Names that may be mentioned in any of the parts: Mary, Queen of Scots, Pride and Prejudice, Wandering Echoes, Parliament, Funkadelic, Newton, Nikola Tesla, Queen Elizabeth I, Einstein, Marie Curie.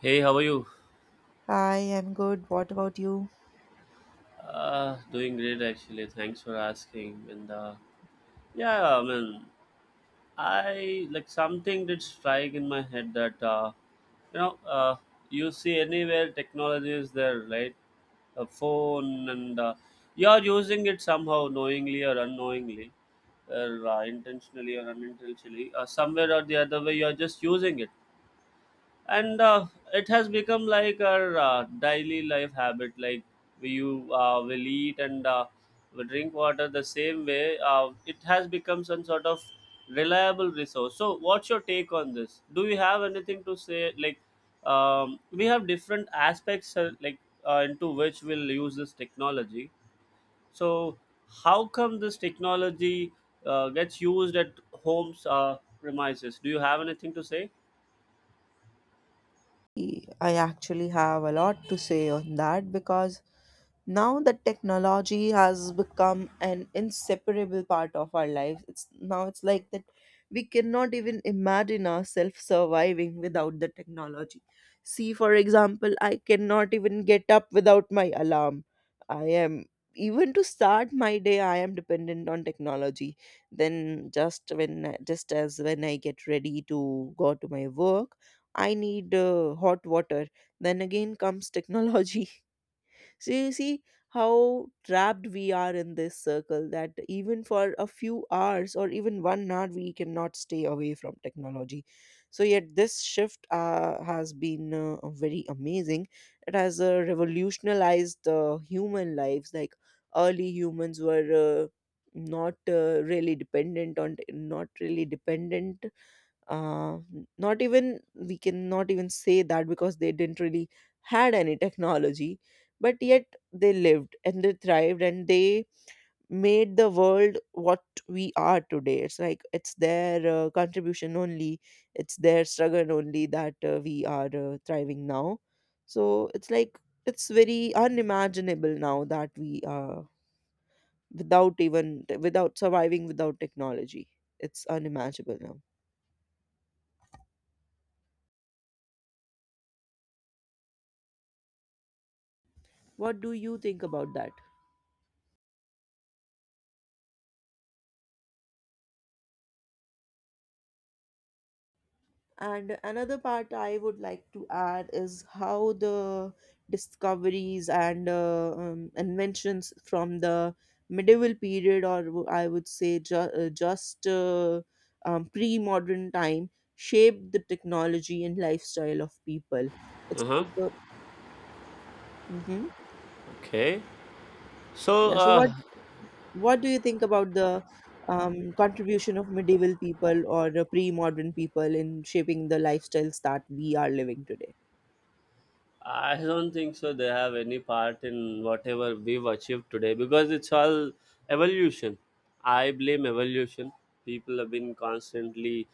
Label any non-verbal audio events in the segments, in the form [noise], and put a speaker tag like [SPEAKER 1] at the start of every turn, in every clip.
[SPEAKER 1] Hey, how are you?
[SPEAKER 2] Hi, I'm good. What about you?
[SPEAKER 1] Doing great actually. Thanks for asking. And yeah, I mean, I like something did strike in my head that you know, uh, you see anywhere technology is there, right? A phone, and you are using it somehow, knowingly or unknowingly, or intentionally or unintentionally, somewhere or the other way, you are just using it and it has become like our daily life habit, like we you will eat and will drink water the same way it has become some sort of reliable resource. So what's your take on this? Do you have anything to say? Like, we have different aspects, like, into which we'll use this technology. So how come this technology gets used at homes, premises? Do you have anything to say?
[SPEAKER 2] I actually have a lot to say on that because now that technology has become an inseparable part of our lives, it's like that we cannot even imagine ourselves surviving without the technology. See, for example, I cannot even get up without my alarm. I am even to start my day I am dependent on technology. Then just as when I get ready to go to my work, I need hot water. Then again comes technology. [laughs] So you see how trapped we are in this circle that even for a few hours or even 1 hour, we cannot stay away from technology. So, yet this shift has been very amazing. It has revolutionized human lives. Like early humans were. Not really dependent, uh, not even, we cannot even say that because they didn't really had any technology, but yet they lived and they thrived and they made the world what we are today. It's like it's their contribution only, it's their struggle only that we are thriving now. So it's like it's very unimaginable now that we are without, even without surviving without technology. It's unimaginable now. What do you think about that? And another part I would like to add is how the discoveries and inventions from the medieval period, or I would say just pre modern time, shaped the technology and lifestyle of people. It's
[SPEAKER 1] Uh-huh.
[SPEAKER 2] like, mm-hmm.
[SPEAKER 1] Okay. So,
[SPEAKER 2] Yeah. So, what what do you think about the contribution of medieval people or pre modern people in shaping the lifestyles that we are living today?
[SPEAKER 1] I don't think so. They have any part in whatever we've achieved today because it's all evolution. I blame evolution. People have been constantly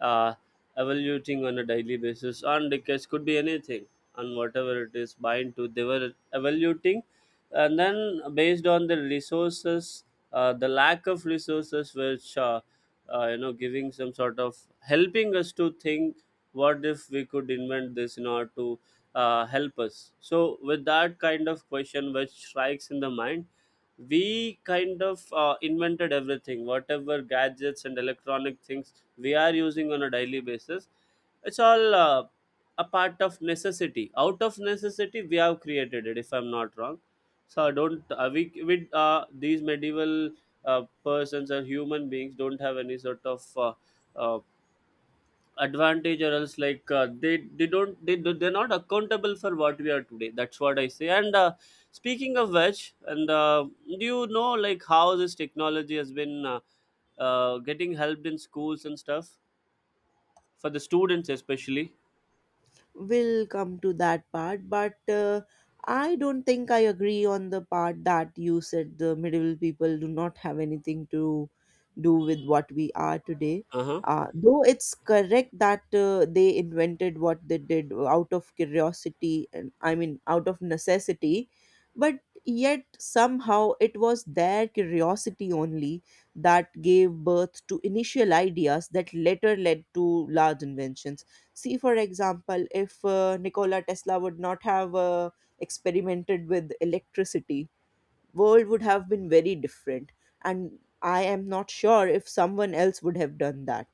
[SPEAKER 1] uh, evoluting on a daily basis on decades, could be anything, on whatever it is bind to. They were evoluting, and then based on the resources, the lack of resources, which giving some sort of helping us to think what if we could invent this in order to help us. So, with that kind of question which strikes in the mind, we kind of invented everything, whatever gadgets and electronic things we are using on a daily basis. It's all a part of necessity. Out of necessity, we have created it. If I'm not wrong, so don't, we with these medieval persons or human beings don't have any sort of uh, advantage, or else like, they don't they do- they're not accountable for what we are today. That's what I say. And speaking of which, and do you know like how this technology has been getting helped in schools and stuff, for the students especially?
[SPEAKER 2] We'll come to that part, but I don't think I agree on the part that you said the medieval people do not have anything to do with what we are today.
[SPEAKER 1] Uh-huh,
[SPEAKER 2] Though it's correct that they invented what they did out of curiosity and I mean out of necessity, but yet somehow it was their curiosity only that gave birth to initial ideas that later led to large inventions. See, for example, if Nikola Tesla would not have experimented with electricity, world would have been very different, and I am not sure if someone else would have done that.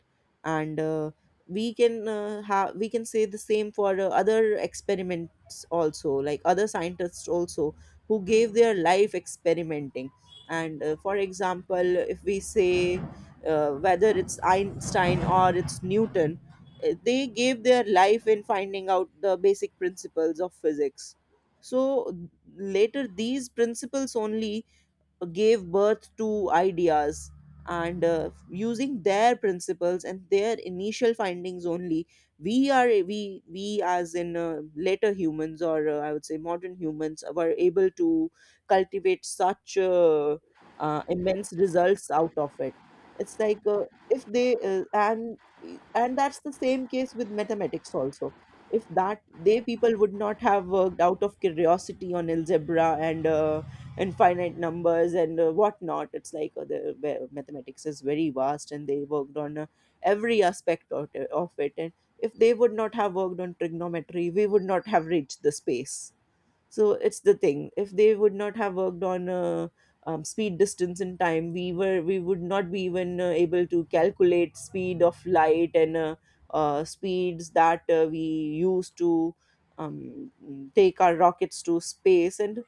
[SPEAKER 2] And uh, we can uh, have we can say the same for other experiments also, like other scientists also who gave their life experimenting. And For example, if we say, whether it's Einstein or it's Newton, they gave their life in finding out the basic principles of physics. So later these principles only gave birth to ideas, and using their principles and their initial findings only, we are we as in later humans, or I would say modern humans, were able to cultivate such immense results out of it. It's like uh, if they uh, and and that's the same case with mathematics also. If that they people would not have worked out of curiosity on algebra and infinite numbers and whatnot. It's like the, where mathematics is very vast, and they worked on every aspect of it. And if they would not have worked on trigonometry, we would not have reached the space. So it's the thing, if they would not have worked on speed distance and time, we would not be even able to calculate speed of light, and speeds that we use to um, take our rockets to space. and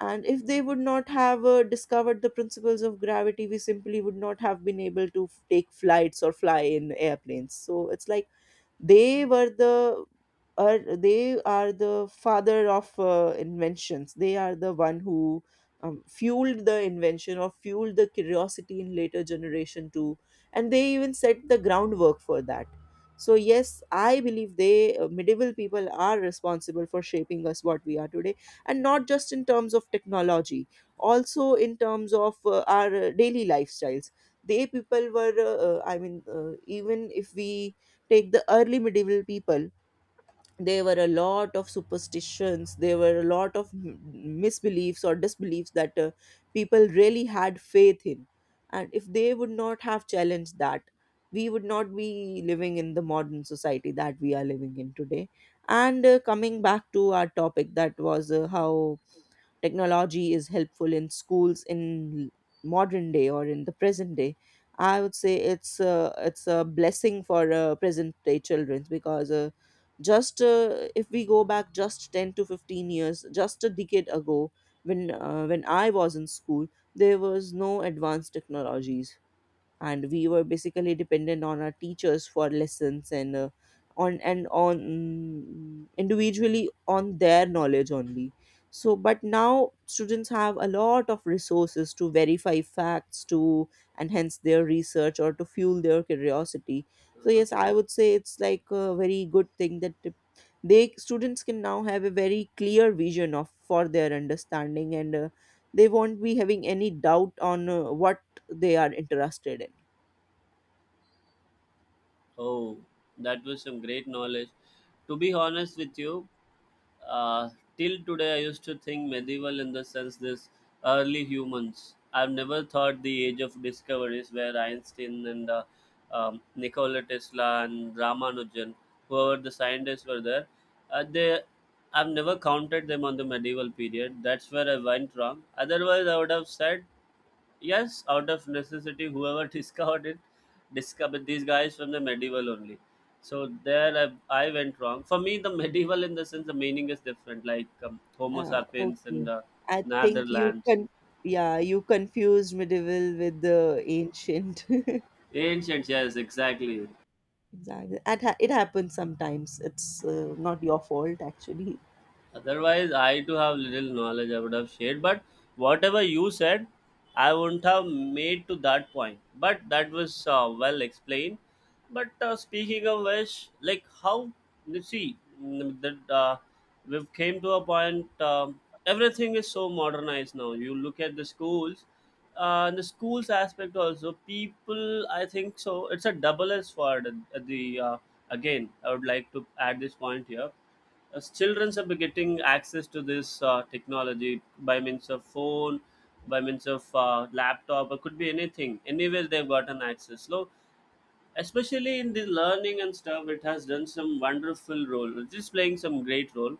[SPEAKER 2] and if they would not have discovered the principles of gravity, we simply would not have been able to take flights or fly in airplanes. So it's like they were the, are they are the father of inventions. They are the one who fueled the invention or fueled the curiosity in later generation too, and they even set the groundwork for that. So yes, I believe they, medieval people are responsible for shaping us what we are today, and not just in terms of technology, also in terms of our daily lifestyles. They people were even if we take the early medieval people, there were a lot of superstitions, there were a lot of misbeliefs or disbeliefs that people really had faith in. And if they would not have challenged that, we would not be living in the modern society that we are living in today. And coming back to our topic, that was how technology is helpful in schools in modern day or in the present day. I would say it's it's a blessing for present day children, because just if we go back just 10 to 15 years, just a decade ago, when when I was in school, there was no advanced technologies, and we were basically dependent on our teachers for lessons, and on individually on their knowledge only. So but now students have a lot of resources to verify facts, to enhance their research or to fuel their curiosity. So
[SPEAKER 1] uh-huh.
[SPEAKER 2] yes, I would say it's like a very good thing that they students can now have a very clear vision of for their understanding, and they won't be having any doubt on what they are interested in.
[SPEAKER 1] Oh, that was some great knowledge, to be honest with you. Uh, Till today, I used to think medieval in the sense this early humans. I've never thought the age of discoveries where Einstein and Nikola Tesla and Ramanujan, whoever the scientists were there, they I've never counted them on the medieval period. That's where I went wrong. Otherwise, I would have said yes, out of necessity, whoever [laughs] discovered these guys from the medieval only. So there, I went wrong. For me, the [laughs] medieval in the sense the meaning is different, like, Homo
[SPEAKER 2] Uh,
[SPEAKER 1] sapiens and
[SPEAKER 2] okay. I think you
[SPEAKER 1] Netherlands.
[SPEAKER 2] can, yeah, you confused medieval with the ancient. [laughs]
[SPEAKER 1] Ancients, yes, exactly.
[SPEAKER 2] Exactly. It happens sometimes. It's not your fault, actually.
[SPEAKER 1] Otherwise, I do have little knowledge I would have shared, but whatever you said, I wouldn't have made to that point. But that was, well explained. But speaking of which, like how you see, that we've came to a point. Everything is so modernized now. You look at the schools aspect also. People, I think so. It's a double edged sword. At- The again, I would like to add this point here, as children are getting access to this technology by means of phone, by means of laptop, or could be anything, anywhere they've gotten access. So especially in the learning and stuff, it has done some wonderful role, it is playing some great role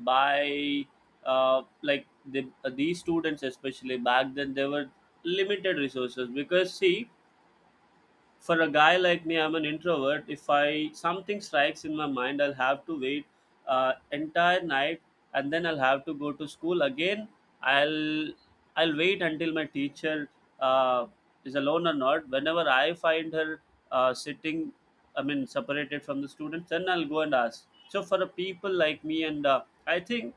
[SPEAKER 1] by, like these students, especially back then, they were limited resources. Because see, for a guy like me, I'm an introvert. If I, something strikes in my mind, I'll have to wait entire night, and then I'll have to go to school again. I'll i'll wait until my teacher uh, is alone or not, whenever I find her sitting, I mean separated from the students, then I'll go and ask. So for a people like me, and I think,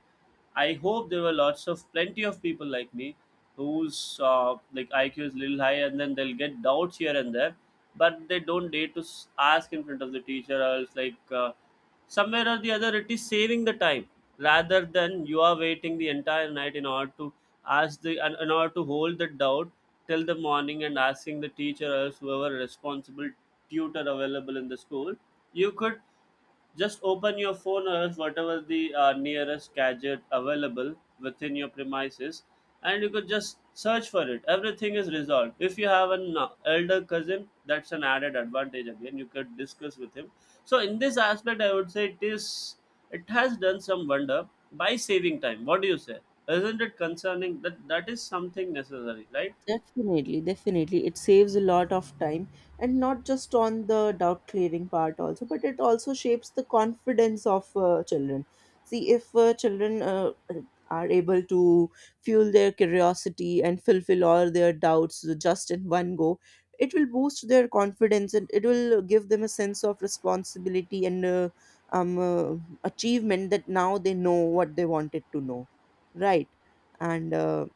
[SPEAKER 1] I hope there were lots of plenty of people like me whose, like IQ is little high, and then they'll get doubts here and there, but they don't dare to ask in front of the teacher. Or else, like, somewhere or the other, it is saving the time, rather than you are waiting the entire night in order to ask the in order to hold the doubt till the morning and asking the teacher, or else whoever responsible tutor available in the school. You could just open your phone, or else whatever the nearest gadget available within your premises, and you could just search for it. Everything is resolved. If you have an elder cousin, that's an added advantage again. You could discuss with him. So in this aspect, I would say it has done some wonder by saving time. What do you say? Isn't it concerning that that is something necessary, right?
[SPEAKER 2] Definitely, definitely. It saves a lot of time, and not just on the doubt clearing part also, but it also shapes the confidence of children. See, if children are able to fuel their curiosity and fulfill all their doubts just in one go, it will boost their confidence and it will give them a sense of responsibility and um, uh, achievement, that now they know what they wanted to know, right? And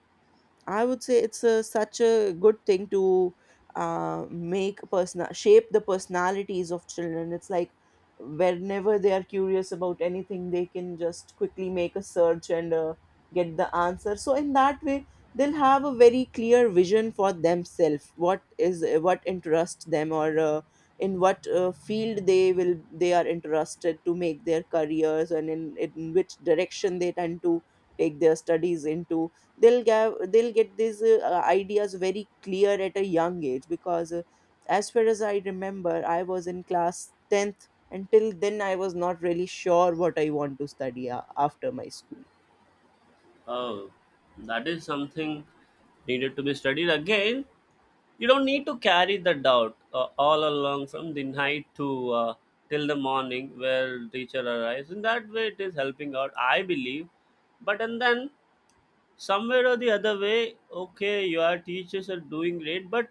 [SPEAKER 2] I would say it's such a good thing to make personal shape the personalities of children. It's like whenever they are curious about anything, they can just quickly make a search and get the answer. So in that way, they'll have a very clear vision for themselves. What is, what interests them, or in what field they are interested to make their careers, and in which direction they tend to take their studies into. They'll get these ideas very clear at a young age, because as far as I remember, I was in class 10th, until then I was not really sure what I want to study after my school.
[SPEAKER 1] Oh, that is something needed to be studied again. You don't need to carry the doubt all along from the night to till the morning where teacher arrives. In that way, it is helping out, I believe. But and then, somewhere or the other way, okay, your teachers are doing great, but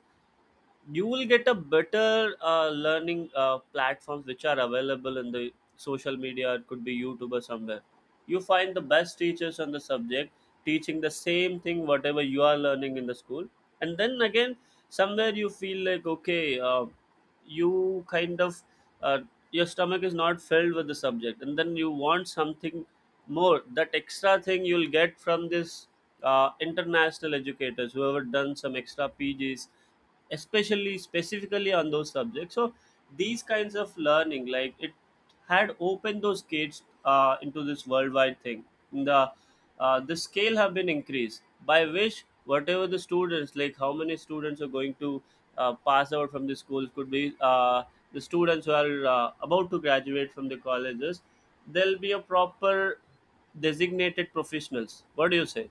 [SPEAKER 1] you will get a better learning platforms which are available in the social media, it could be YouTube or somewhere you find the best teachers on the subject teaching the same thing whatever you are learning in the school. And then again, somewhere you feel like, okay, you kind of, uh, your stomach is not filled with the subject, and then you want something more, that extra thing you'll get from this, international educators who have done some extra pgs, especially specifically on those subjects. So these kinds of learning like, it had opened those gates into this worldwide thing. The the scale have been increased, by which whatever the students, like how many students are going to pass out from the schools, could be the students who are about to graduate from the colleges, there'll be a proper designated professionals. What do you say?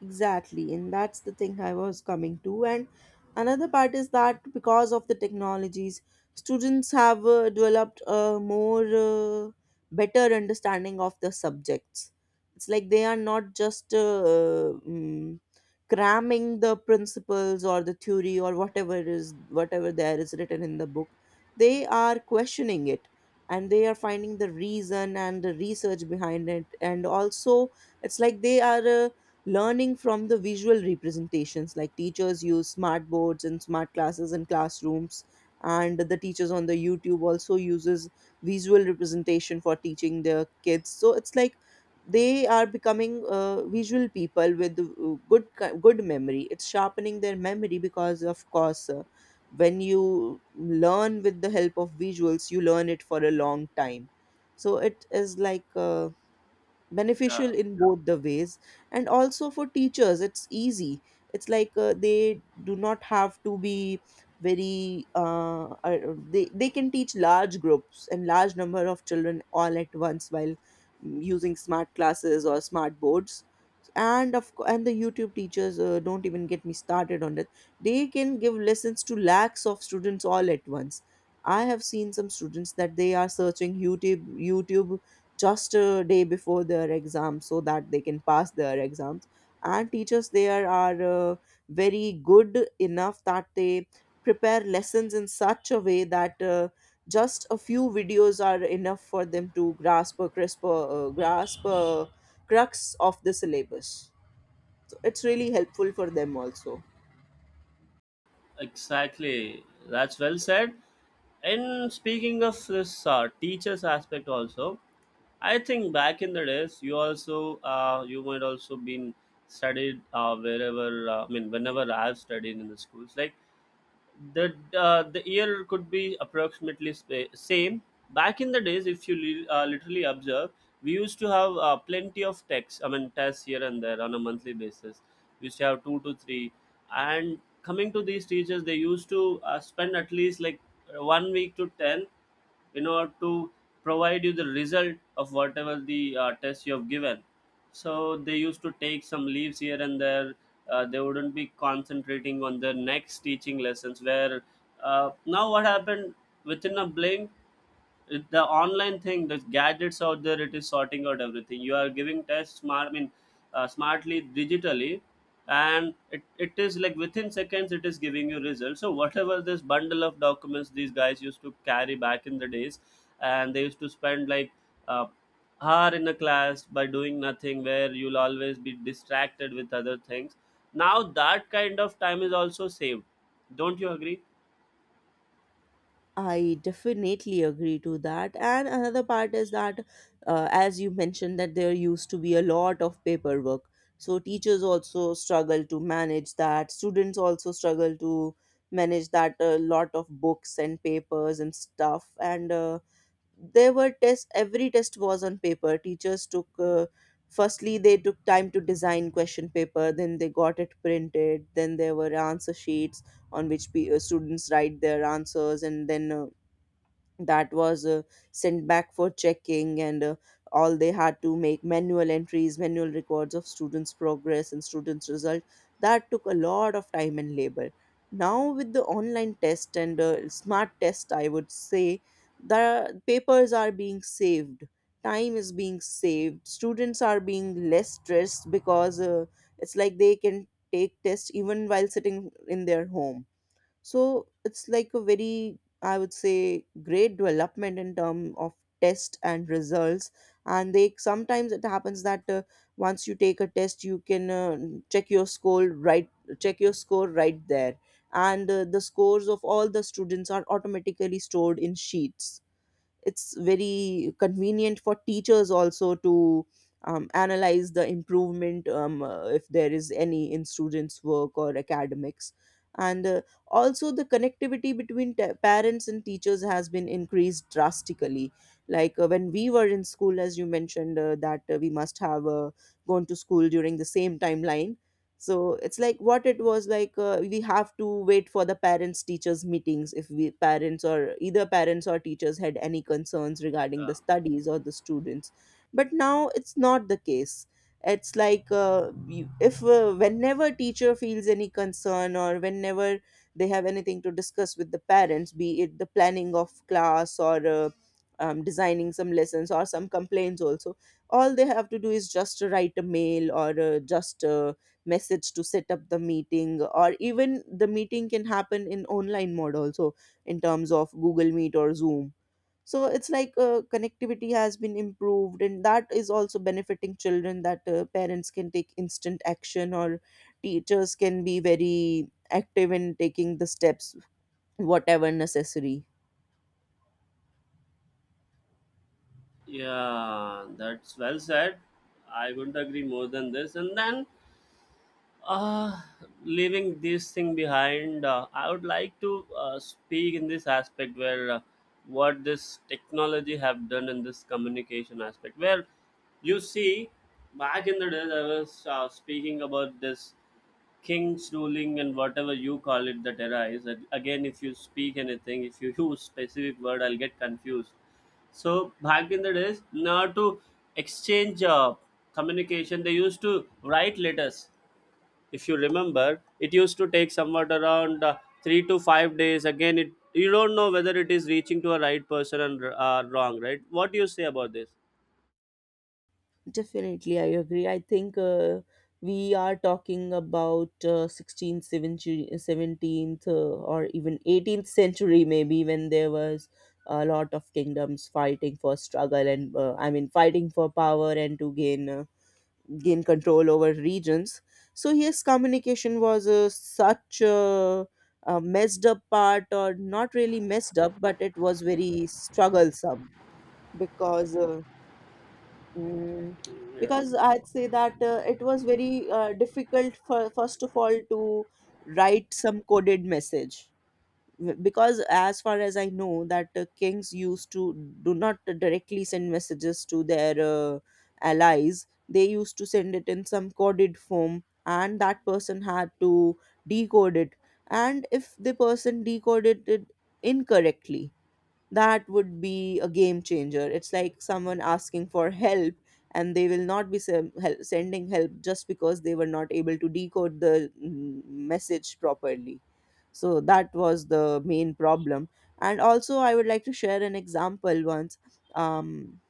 [SPEAKER 2] Exactly, and that's the thing I was coming to. And another part is that, because of the technologies, students have developed a more better understanding of the subjects. It's like they are not just cramming the principles or the theory or whatever there is written in the book. They are questioning it, and they are finding the reason and the research behind it. And also it's like they are. Learning from the visual representations, like teachers use smart boards and smart classes in classrooms, and the teachers on the YouTube also uses visual representation for teaching their kids. So it's like they are becoming visual people with good memory. It's sharpening their memory, because of course when you learn with the help of visuals, you learn it for a long time. So it is like
[SPEAKER 1] Yeah.
[SPEAKER 2] beneficial in both the ways. And also for teachers, it's easy. It's like they do not have to be very they can teach large groups and large number of children all at once, while using smart classes or smart boards. And and the YouTube teachers, don't even get me started on that. They can give lessons to lakhs of students all at once. I have seen some students that they are searching YouTube just a day before their exam, so that they can pass their exams. And teachers there are very good enough that they prepare lessons in such a way that just a few videos are enough for them to grasp a crux of the syllabus. So it's really helpful for them also.
[SPEAKER 1] Exactly. That's well said. And speaking of this teachers aspect also, I think back in the days, you might also been studied wherever, I mean whenever I've studied in the schools. Like the year could be approximately same, back in the days, if you literally observe, we used to have plenty of texts, I mean tests, here and there on a monthly basis. We used to have two to three. And coming to these teachers, they used to spend at least like one week to 10 in order to provide you the result of whatever the test you have given. So they used to take some leaves here and there, they wouldn't be concentrating on their next teaching lessons, where now what happened, within a blink, the online thing, the gadgets out there, it is sorting out everything. You are giving tests smart, I mean smartly, digitally, and it is like within seconds it is giving you results. So whatever this bundle of documents these guys used to carry back in the days, and they used to spend like uh, hour in a class by doing nothing, where you'll always be distracted with other things, now that kind of time is also saved. Don't you agree?
[SPEAKER 2] I definitely agree to that. And another part is that, as you mentioned, that there used to be a lot of paperwork. So teachers also struggle to manage that. Students also struggle to manage that, a lot of books and papers and stuff. And there were tests, every test was on paper. Teachers took firstly, they took time to design question paper, then they got it printed, then there were answer sheets on which students write their answers, and then that was sent back for checking. And All they had to make manual entries, manual records of students progress and students result. That took a lot of time and labor. Now with the online test and smart test, I would say the papers are being saved, time is being saved, students are being less stressed because it's like they can take tests even while sitting in their home. So it's like a very, I would say, great development in term of test and results. And they sometimes it happens that once you take a test, you can check your score right, check your score right there, and the scores of all the students are automatically stored in sheets. It's very convenient for teachers also to analyze the improvement, if there is any, in students work or academics. And Also, the connectivity between parents and teachers has been increased drastically. Like when we were in school, as you mentioned, that we must have gone to school during the same timeline. So it's like what it was, like we have to wait for the parents teachers meetings if we parents, or either parents or teachers, had any concerns regarding the studies or the students. But now it's not the case. It's like you- if whenever teacher feels any concern, or whenever they have anything to discuss with the parents, be it the planning of class or designing some lessons or some complaints also, all they have to do is just write a mail, or just message to set up the meeting, or even the meeting can happen in online mode also, in terms of Google Meet or Zoom. So it's like connectivity has been improved, and that is also benefiting children, that parents can take instant action or teachers can be very active in taking the steps whatever necessary.
[SPEAKER 1] Yeah, that's well said. I would not agree more than this. And then, uh leaving this thing behind, I would like to speak in this aspect, where what this technology have done in this communication aspect, where you see, back in the days I was speaking about this king's ruling and whatever you call it that arise. And again, if you speak anything, if you [laughs] use specific word, I'll get confused. So back in the days, now to exchange communication, they used to write letters. If you remember, it used to take somewhat around 3 to 5 days. Again, it, you don't know whether it is reaching to a right person and wrong, right? What do you say about this?
[SPEAKER 2] Definitely, I agree. I think we are talking about 16th, 17th, or even 18th century, maybe, when there was a lot of kingdoms fighting for struggle, and I mean, fighting for power and to gain control over regions. So yes, communication was such a messed up part, or not really messed up, but it was very strugglesome, because. Uh, Mm, because I'd say that it was very difficult, for first of all, to write some coded message, because as far as I know that kings used to do not directly send messages to their allies. They used to send it in some coded form, and that person had to decode it. And if the person decoded it incorrectly, that would be a game changer. It's like someone asking for help, and they will not be sending help just because they were not able to decode the message properly. So that was the main problem. And also, I would like to share an example once. Um,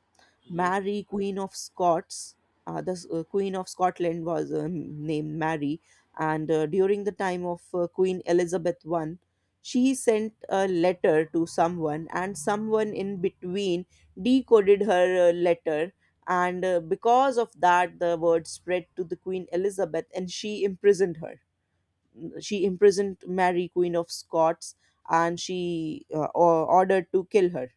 [SPEAKER 1] Hmm.
[SPEAKER 2] Mary, Queen of Scots, the Queen of Scotland was named Mary, and during the time of Queen Elizabeth I, she sent a letter to someone, and someone in between decoded her letter. And because of that, the word spread to the Queen Elizabeth, and she imprisoned her. She imprisoned Mary, Queen of Scots, and she ordered to kill her,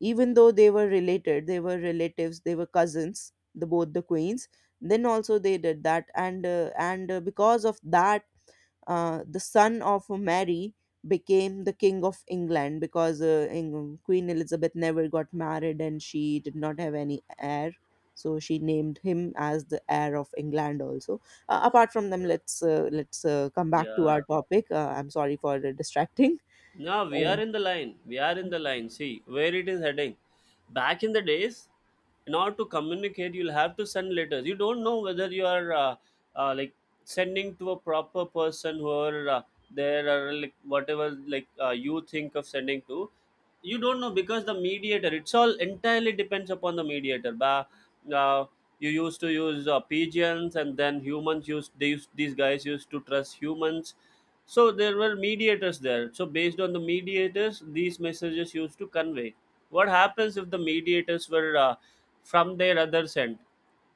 [SPEAKER 2] even though they were related, they were relatives, they were cousins, the both the queens. Then also they did that, and because of that, the son of Mary became the king of England, because Queen Elizabeth never got married and she did not have any heir, so she named him as the heir of England also. Apart from them, let's come back to
[SPEAKER 1] Yeah.
[SPEAKER 2] our topic. I'm sorry for distracting.
[SPEAKER 1] No, we are in the line. We are in the line. See where it is heading. Back in the days, in order to communicate, you'll have to send letters. You don't know whether you are, like sending to a proper person who are there, or like whatever like, you think of sending to. You don't know because the mediator. It's all entirely depends upon the mediator. Uh, you used to use pigeons, and then humans used these guys used to trust humans, so there were mediators there. So based on the mediators, these messages used to convey. What happens if the mediators were from their other end?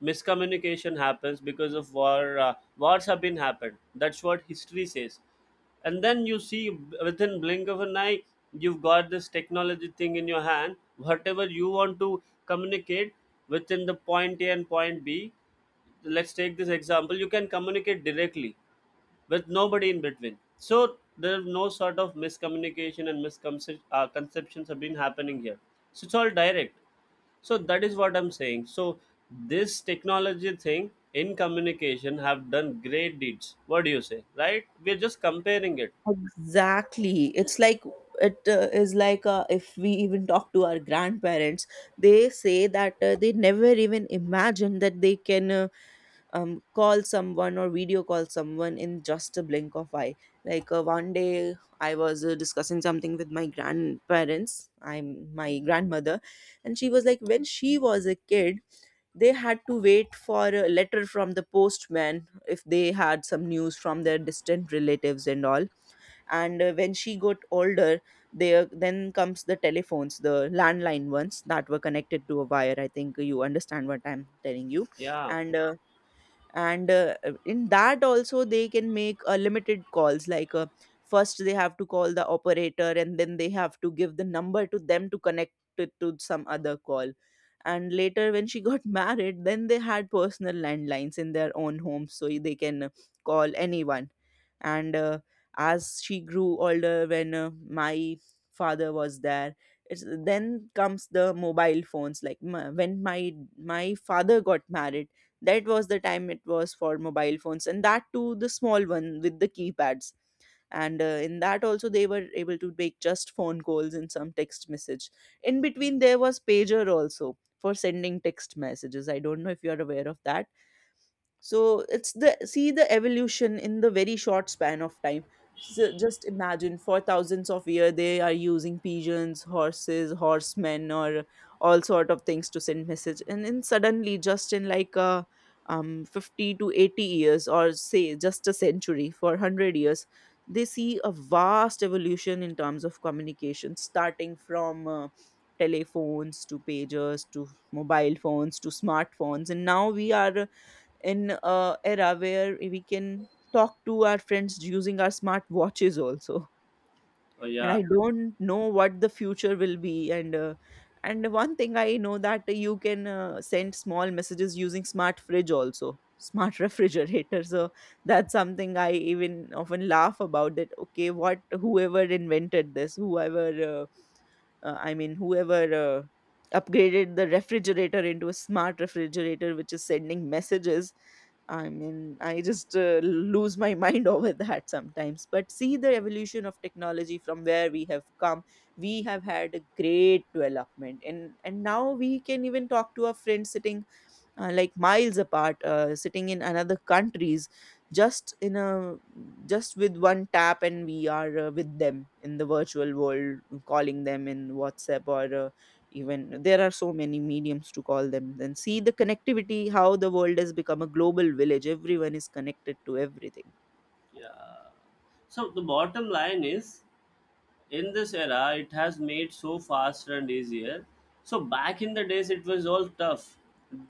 [SPEAKER 1] Miscommunication happens because of war. Wars have been happened. That's what history says. And then you see within blink of an eye, you've got this technology thing in your hand. Whatever you want to communicate within the point A and point B, let's take this example. You can communicate directly with nobody in between. So there's no sort of miscommunication and misconceptions conceptions have been happening here. So it's all direct. So that is what I'm saying. So this technology thing in communication have done great deeds. What do you say? Right? We're just comparing it.
[SPEAKER 2] Exactly. It's like it is like if we even talk to our grandparents, they say that they never even imagine that they can call someone or video call someone in just a blink of eye. Like one day, I was discussing something with my grandparents. I'm my grandmother, and she was like, when she was a kid, they had to wait for a letter from the postman if they had some news from their distant relatives and all. And when she got older, there then comes the telephones, the landline ones that were connected to a wire. I think you understand what I'm telling you.
[SPEAKER 1] Yeah.
[SPEAKER 2] And uh, and In that also, they can make limited calls. Like first they have to call the operator, and then they have to give the number to them to connect it to some other call. And later when she got [laughs] married, then they had personal landlines in their own homes, so they can call anyone. And As she grew older, when my father was there, then comes the mobile phones. When my father got married, that was the time it was for mobile phones, and that too the small one with the keypads. And in that also, they were able to make just phone calls and some text message. In between, there was pager also for sending text messages. I don't know if you are aware of that. So it's, the see the evolution in the very short span of time. So just imagine, for thousands of years they are using pigeons, horses, horsemen, or all sort of things to send message, and then suddenly just in like 50 to 80 years, or say just a century, for 100 years, they see a vast evolution in terms of communication, starting from telephones to pagers to mobile phones to smartphones, and now we are in a era where we can talk to our friends using our smart watches also.
[SPEAKER 1] Oh
[SPEAKER 2] And
[SPEAKER 1] yeah.
[SPEAKER 2] I don't know what the future will be. And one thing I know, that you can send small messages using smart fridge also, smart [laughs] refrigerator. So that's something I even often laugh about, that okay, what, whoever invented this, whoever I mean, whoever upgraded the refrigerator into a smart refrigerator which is sending messages. I mean, I just lose my mind [laughs] over that sometimes. But see the evolution of technology from where we have come. We have had a great development, and now we can even talk to our friends sitting like miles apart, sitting in another countries, just in a, just with one tap, and we are with them in the virtual world, calling them in WhatsApp, or even there are so many mediums to call them. Then see the connectivity, how the world has become a global village, everyone is connected to everything.
[SPEAKER 1] Yeah. So the bottom line is, in this era it has made so faster and easier. So back in the days it was all tough,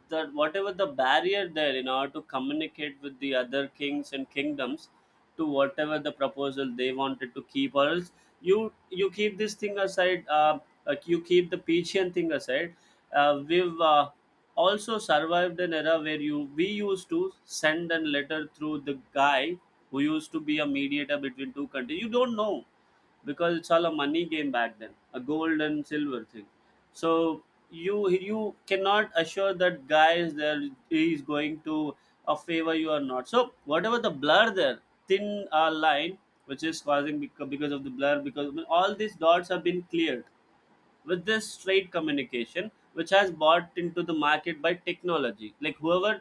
[SPEAKER 1] that whatever the barrier there in order to communicate with the other kings and kingdoms, to whatever the proposal they wanted to keep, or else, you keep this thing aside, you keep the Pichian thing aside. We've also survived an era where you we used to send a letter through the guy who used to be a mediator between two countries. You don't know, because it's all a money game back then, a gold and silver thing. So you cannot assure that guy is there, he is going to favor you or not. So whatever the blur there, thin line which is causing, because of the blur, because all these dots have been cleared with this straight communication which has bought into the market by technology. Like whoever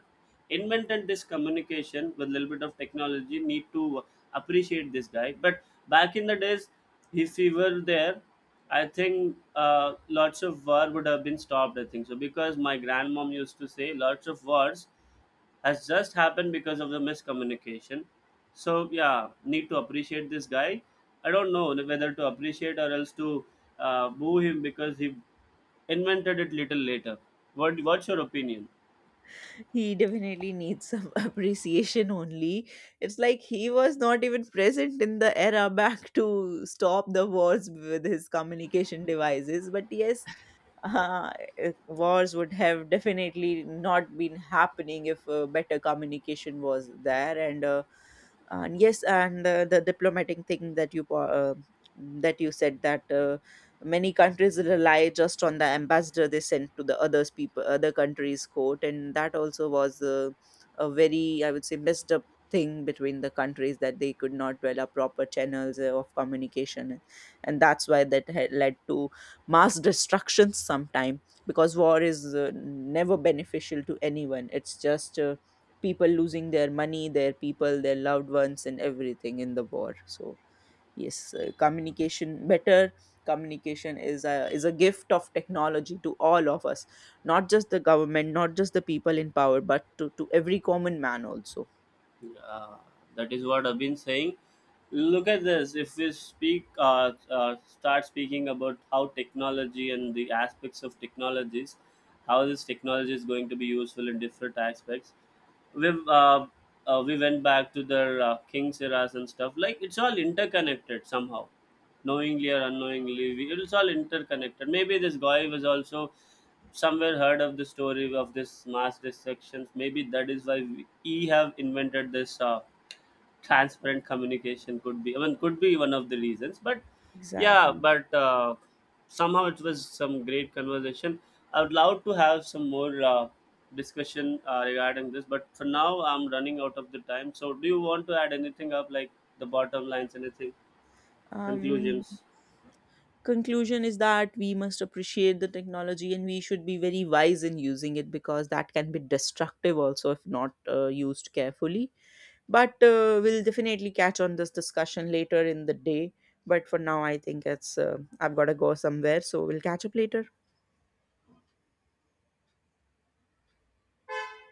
[SPEAKER 1] invented this communication with a little bit of technology, need to appreciate this guy. But back in the days, if he were there, I think lots of war would have been stopped, I think so, because my grandmom used to say lots of wars has just happened because of the miscommunication. So yeah, need to appreciate this guy. I don't know whether to appreciate or else to boo him, because he invented it little later. What's your opinion?
[SPEAKER 2] He definitely needs some [laughs] appreciation only. It's like he was not even present in the era back to stop the wars with his communication devices. But yes, uh, wars would have definitely not been happening if better communication was there. And yes, and the diplomatic thing that that you said, that many countries rely just on the ambassador they sent to the others people, other countries court, and that also was a very, I would say, messed up thing between the countries, that they could not develop proper channels of communication, and that's why that had led to mass destructions sometime, because war is never beneficial to anyone. It's just people losing their money, their people, their loved ones, and everything in the war. So yes, communication better communication is a gift of technology to all of us, not just the government, not just the people in power, but to every common man also.
[SPEAKER 1] Uh, that is what I've been saying. Look at this. If we start speaking about how technology and the aspects of technologies, how this technology is going to be useful in different aspects. We've uh, we went back to the king's eras and stuff. Like it's all interconnected somehow, knowingly or unknowingly, it's all interconnected. Maybe this guy was also somewhere heard of the story of this mass destructions. Maybe that is why we have invented this transparent communication. Could be, I mean, could be one of the reasons. But yeah,
[SPEAKER 2] Exactly.
[SPEAKER 1] but somehow it was some great conversation. I would love to have some more discussion regarding this, but for now I'm running out of the time. So, do you want to add anything up, like the bottom lines, anything,
[SPEAKER 2] um
[SPEAKER 1] conclusions?
[SPEAKER 2] Conclusion is that we must appreciate the technology, and we should be very wise in using it, because that can be destructive also if not used carefully. But we'll definitely catch on this discussion later in the day. But for now, I think it's I've got to go somewhere, so we'll catch up later.